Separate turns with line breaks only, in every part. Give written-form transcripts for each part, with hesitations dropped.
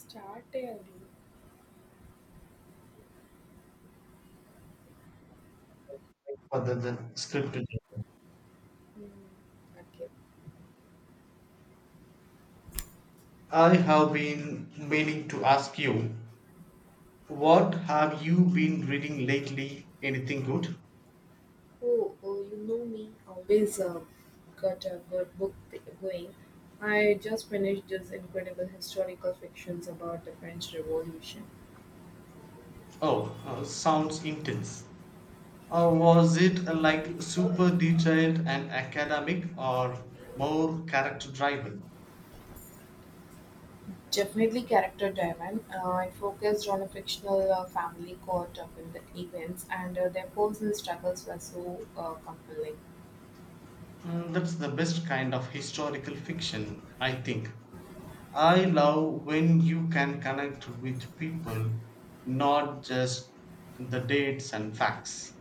Start చేయాలి
Other than scripted.
Mm. అట్లా
I have been meaning to ask you, what have you been reading lately? Anything good?
Oh, oh, you know me. Always got a good book going. I just finished this incredible historical fictions about the French Revolution.
Oh, sounds intense. Was it like super detailed and academic or more character driven?
Definitely character driven. It focused on a fictional family caught up in the events, and their personal struggles were so compelling.
Mm, that's the best kind of historical fiction, I think. I love when you can connect with people, not just the dates and facts.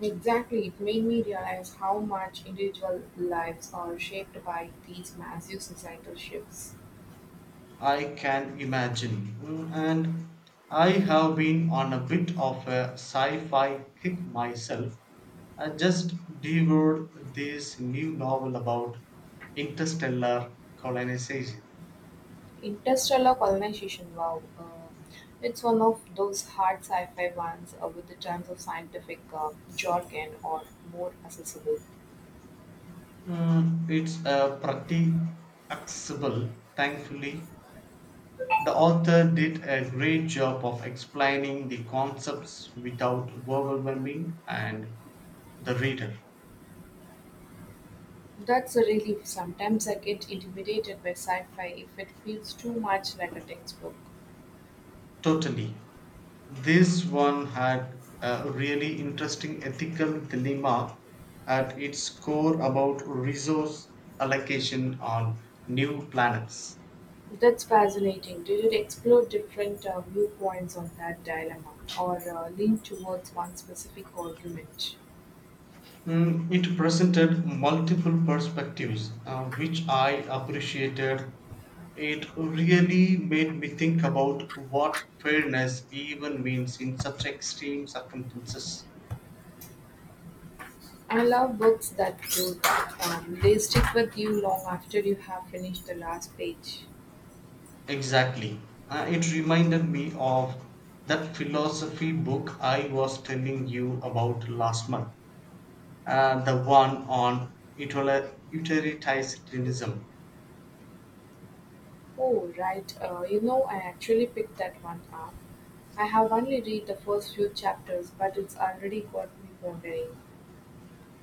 Exactly, it made me realize how much individual lives are shaped by these massive societal shifts.
I can imagine. Mm. And I have been on a bit of a sci fi kick myself. I just devoured this new novel about interstellar colonization.
Interstellar Colonization, wow. It's one of those hard sci fi ones with the tons of scientific jargon or more accessible.
Mm, it's pretty accessible, thankfully. The author did a great job of explaining the concepts without overwhelming and the reader.
That's a relief. Sometimes I get intimidated by sci fi if it feels too much like a textbook.
Totally. This one had a really interesting ethical dilemma at its core about resource allocation on new planets.
That's fascinating. Did it explore different viewpoints on that dilemma or lean towards one specific argument?
Mm, it presented multiple perspectives, which I appreciated. It really made me think about what fairness even means in such extreme circumstances.
I love books that do that. They stick with you long after you have finished the last page.
Exactly. It reminded me of that philosophy book I was telling you about last month, the one on utilitarianism.
Oh, right. You know, I actually picked that one up. I have only read the first few chapters, but it's already got me wondering.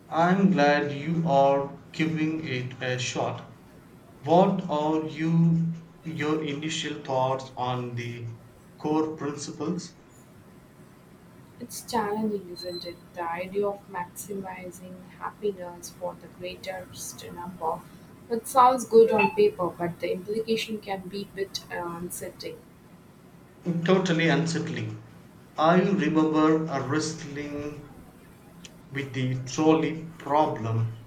I'm glad you are giving it a shot. What are your initial thoughts on the core principles?
It's challenging, isn't it? The idea of maximizing happiness for the greatest number. It sounds good on paper, but the implication can be a bit unsettling.
Totally unsettling. I remember wrestling with the trolley problem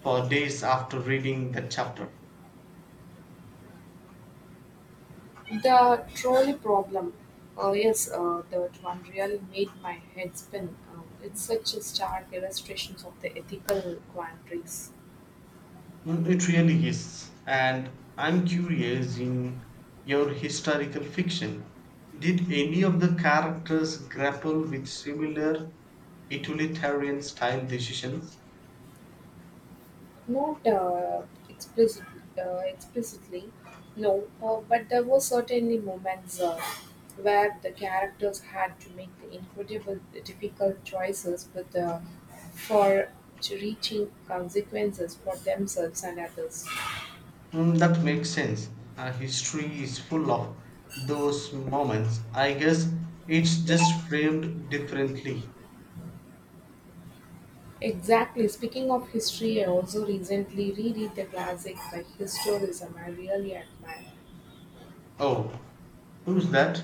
for days after reading that chapter.
The trolley problem. Oh, yes, that one really made my head spin. It's such a stark illustration of the ethical quandaries.
Mm. It really is. And I'm curious, in your historical fiction, did any of the characters grapple with similar utilitarian style decisions?
Not explicit, explicitly, no, but there were certainly moments where the characters had to make the incredible, difficult choices with for to reaching consequences for themselves and others.
Mm, that makes sense. History is full of those moments. I guess it's just framed differently.
Exactly. Speaking of history, I also recently reread the classic by historism I really admire.
Oh, who's that?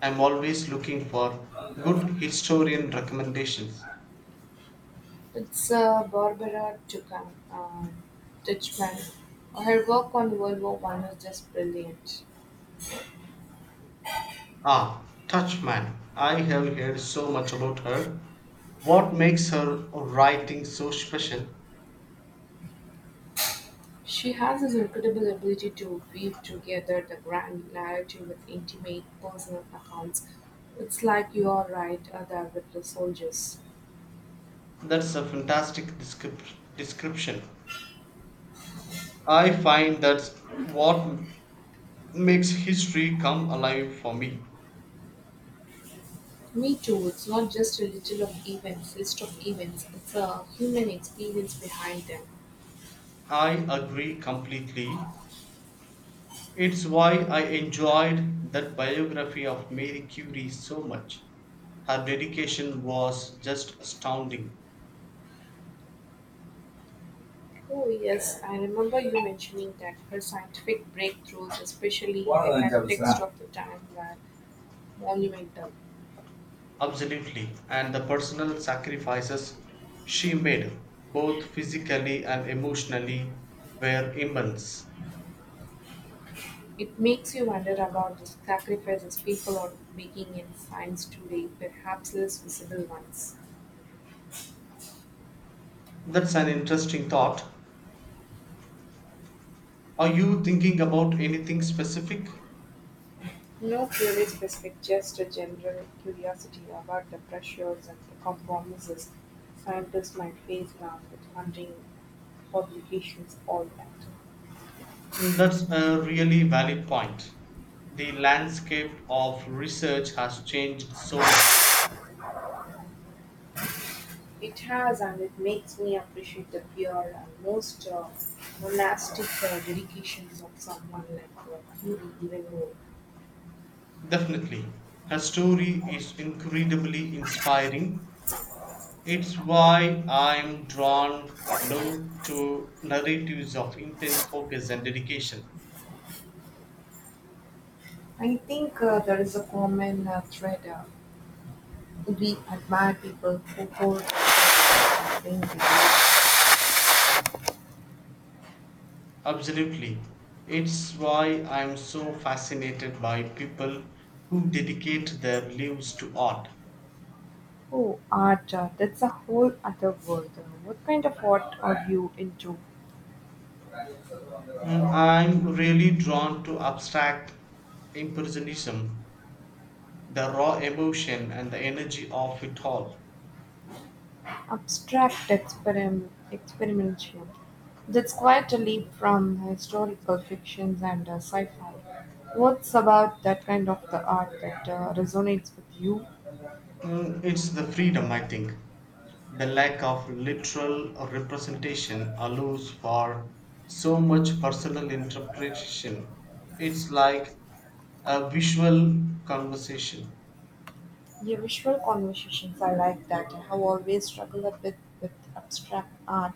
I'm always looking for good historian recommendations.
It's uh, Barbara Tuchman. Her work on World War One is just brilliant.
Ah, Touchman. I have heard so much about her. What makes her writing so special?
She has this incredible ability to weave together the grand narrative with intimate personal accounts. It's like you are right there with the soldiers.
That's a fantastic description. I find that's what makes history come alive for me.
Me too. It's not just a little of events, list of events. It's a human experience behind them.
I agree completely. It's why I enjoyed that biography of Marie Curie so much. Her dedication was just astounding,
Oh yes, I remember you mentioning that her scientific breakthroughs, especially in the context of the time, were monumental.
absolutely, and the personal sacrifices she made, both physically and emotionally, were immense.
It makes you wonder about the sacrifices people are making in science today, perhaps less visible ones.
That's an interesting thought. Are you thinking about anything specific?
No theory specific, just a general curiosity about the pressures and the compromises scientists might face now with funding, publications, all that.
Mm. That's a really valid point. The landscape of research has changed so much.
It has, and it makes me appreciate the pure and most monastic dedications of someone like Curie even more.
Definitely. Her story is incredibly inspiring. It's why I'm drawn now to narratives of intense focus and dedication.
I think there is a common thread, we admire people who hold themselves in.
Absolutely. It's why I'm so fascinated by people who dedicate their lives to art.
Oh, art, that's a whole other world. What kind of art are you into?
Mm, I'm really drawn to abstract impressionism, the raw emotion and the energy of it all.
Abstract experimentation. That's quite a leap from historical fictions and sci fi. What's about that kind of the art that resonates with you?
Mm, it's the freedom, I think. The lack of literal representation allows for so much personal interpretation. It's like a visual conversation.
Yeah, visual conversations are like that. I have always struggled a bit with abstract art.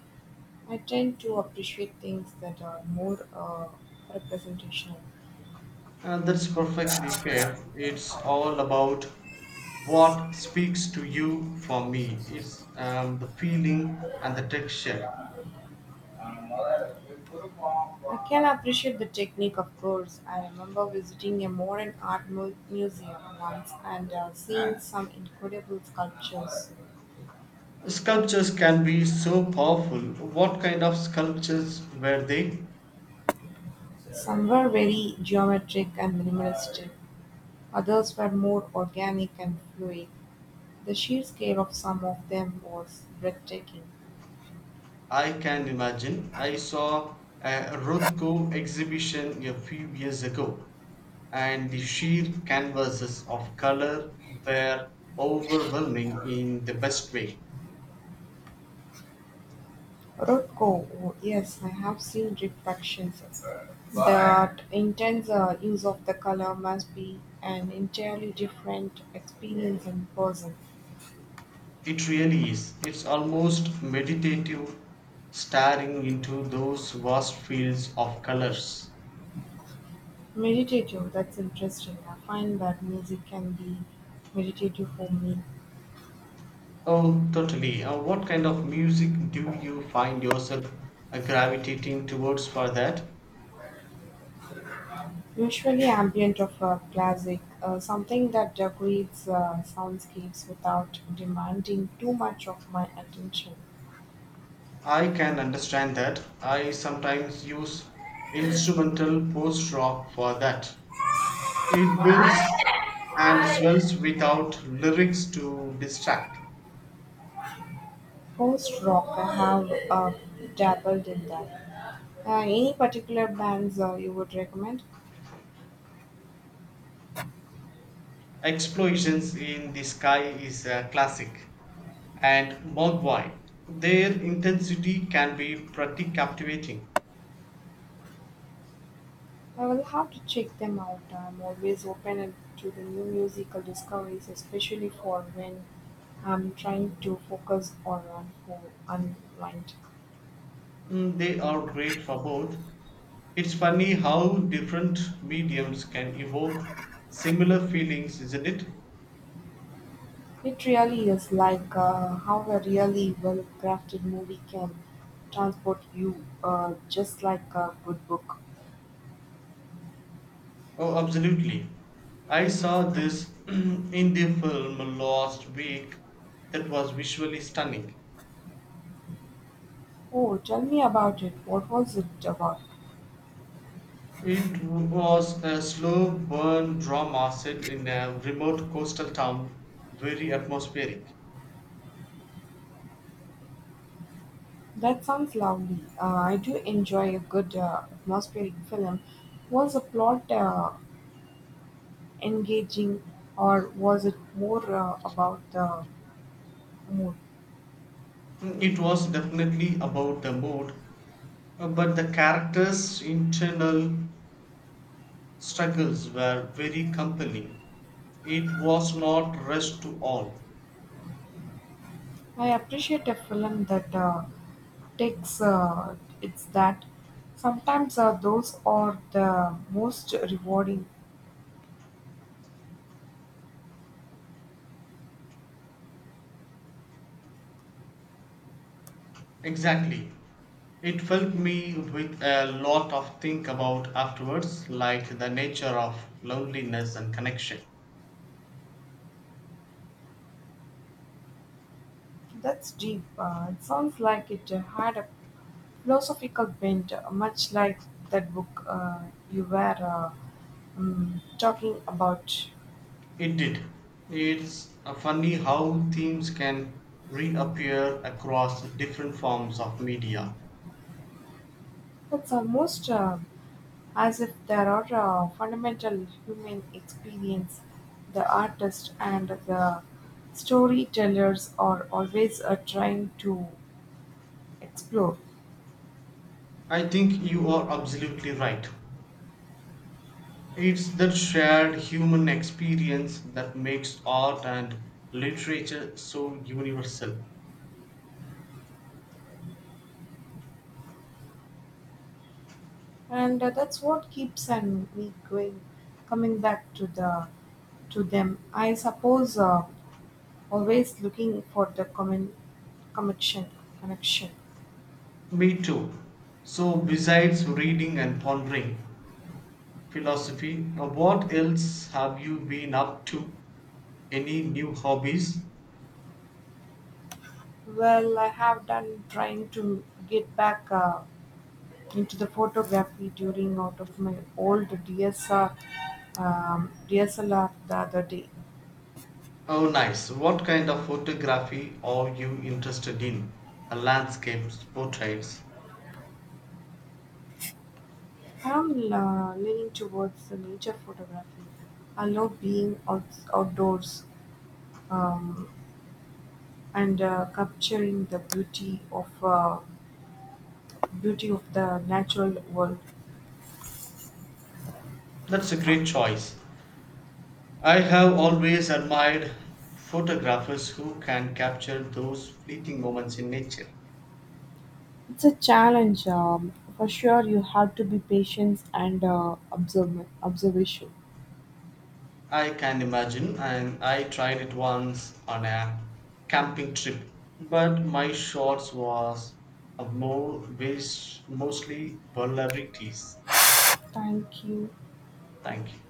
I tend to appreciate things that are more representational.
And that's perfectly fair. It's all about what speaks to you. For me, it's the feeling and the texture.
I can appreciate the technique, of course. I remember visiting a modern art museum once and seeing some incredible sculptures.
Sculptures can be so powerful. What kind of sculptures were they?
Some were very geometric and minimalistic, others were more organic and fluid. The sheer scale of some of them was breathtaking.
I can imagine. I saw a Rothko exhibition a few years ago, and the sheer canvases of color were overwhelming in the best way.
Rothko. Oh yes, I have seen reflections. That intense use of the color must be an entirely different experience in person.
It really is. It's almost meditative, staring into those vast fields of colors.
Meditative, that's interesting. I find that music can be meditative for me.
Oh, totally. What kind of music do you find yourself gravitating towards for that?
Usually ambient of a classic, something that creates soundscapes without demanding too much of my attention.
I can understand that. I sometimes use instrumental post rock for that. It builds and swells without lyrics to distract.
Post rock, I have dabbled in that. Any particular bands you would recommend?
Explosions in the Sky is a classic. And Mogwai. Their intensity can be pretty captivating.
I will have to check them out. I'm always open to the new musical discoveries, especially for when I'm trying to focus or on who unwind.
Mm. They are great for both. It's funny how different mediums can evoke similar feelings, isn't it?
It really is like how a really well crafted movie can transport you, just like a good book.
Oh, absolutely. I saw this in the film last week that was visually stunning.
Oh, tell me about it. What was it about?
It was a slow burn drama set in a remote coastal town, very atmospheric.
That sounds lovely. I do enjoy a good atmospheric film. Was the plot engaging or was it more about the mood?
It was definitely about the mood, but the characters' internal struggles were very compelling. It was not rushed to all.
I appreciate a film that takes it's that. Sometimes those are the most rewarding.
Exactly. It felt me with a lot of think about afterwards, like the nature of loneliness and connection.
That's deep. It sounds like it had a philosophical bent, much like that book you were talking about.
It did. It's funny how themes can reappear across different forms of media.
It's almost as if there are fundamental human experience the artist and the storytellers are always trying to explore.
I think you are absolutely right. It's that shared human experience that makes art and literature so universal.
And that's what keeps and me going, coming back to the to them. I suppose always looking for the common connection. connection.
Me too. So, besides reading and pondering, philosophy. Now, what else have you been up to? Any new hobbies?
Well, I have done trying to get back. Into the photography during out of my old DSR, DSLR the other day.
Oh, nice. What kind of photography are you interested in? A landscapes, portraits.
I'm leaning towards the nature photography. I love outdoors um, and capturing the beauty of the natural world.
That's a great choice. I have always admired photographers who can capture those fleeting moments in nature.
It's a challenge. For sure, you have to be patient and observe observation.
I can imagine, and I tried it once on a camping trip, but my shorts was a more based mostly vulnerabilities.
Thank you.
Thank you.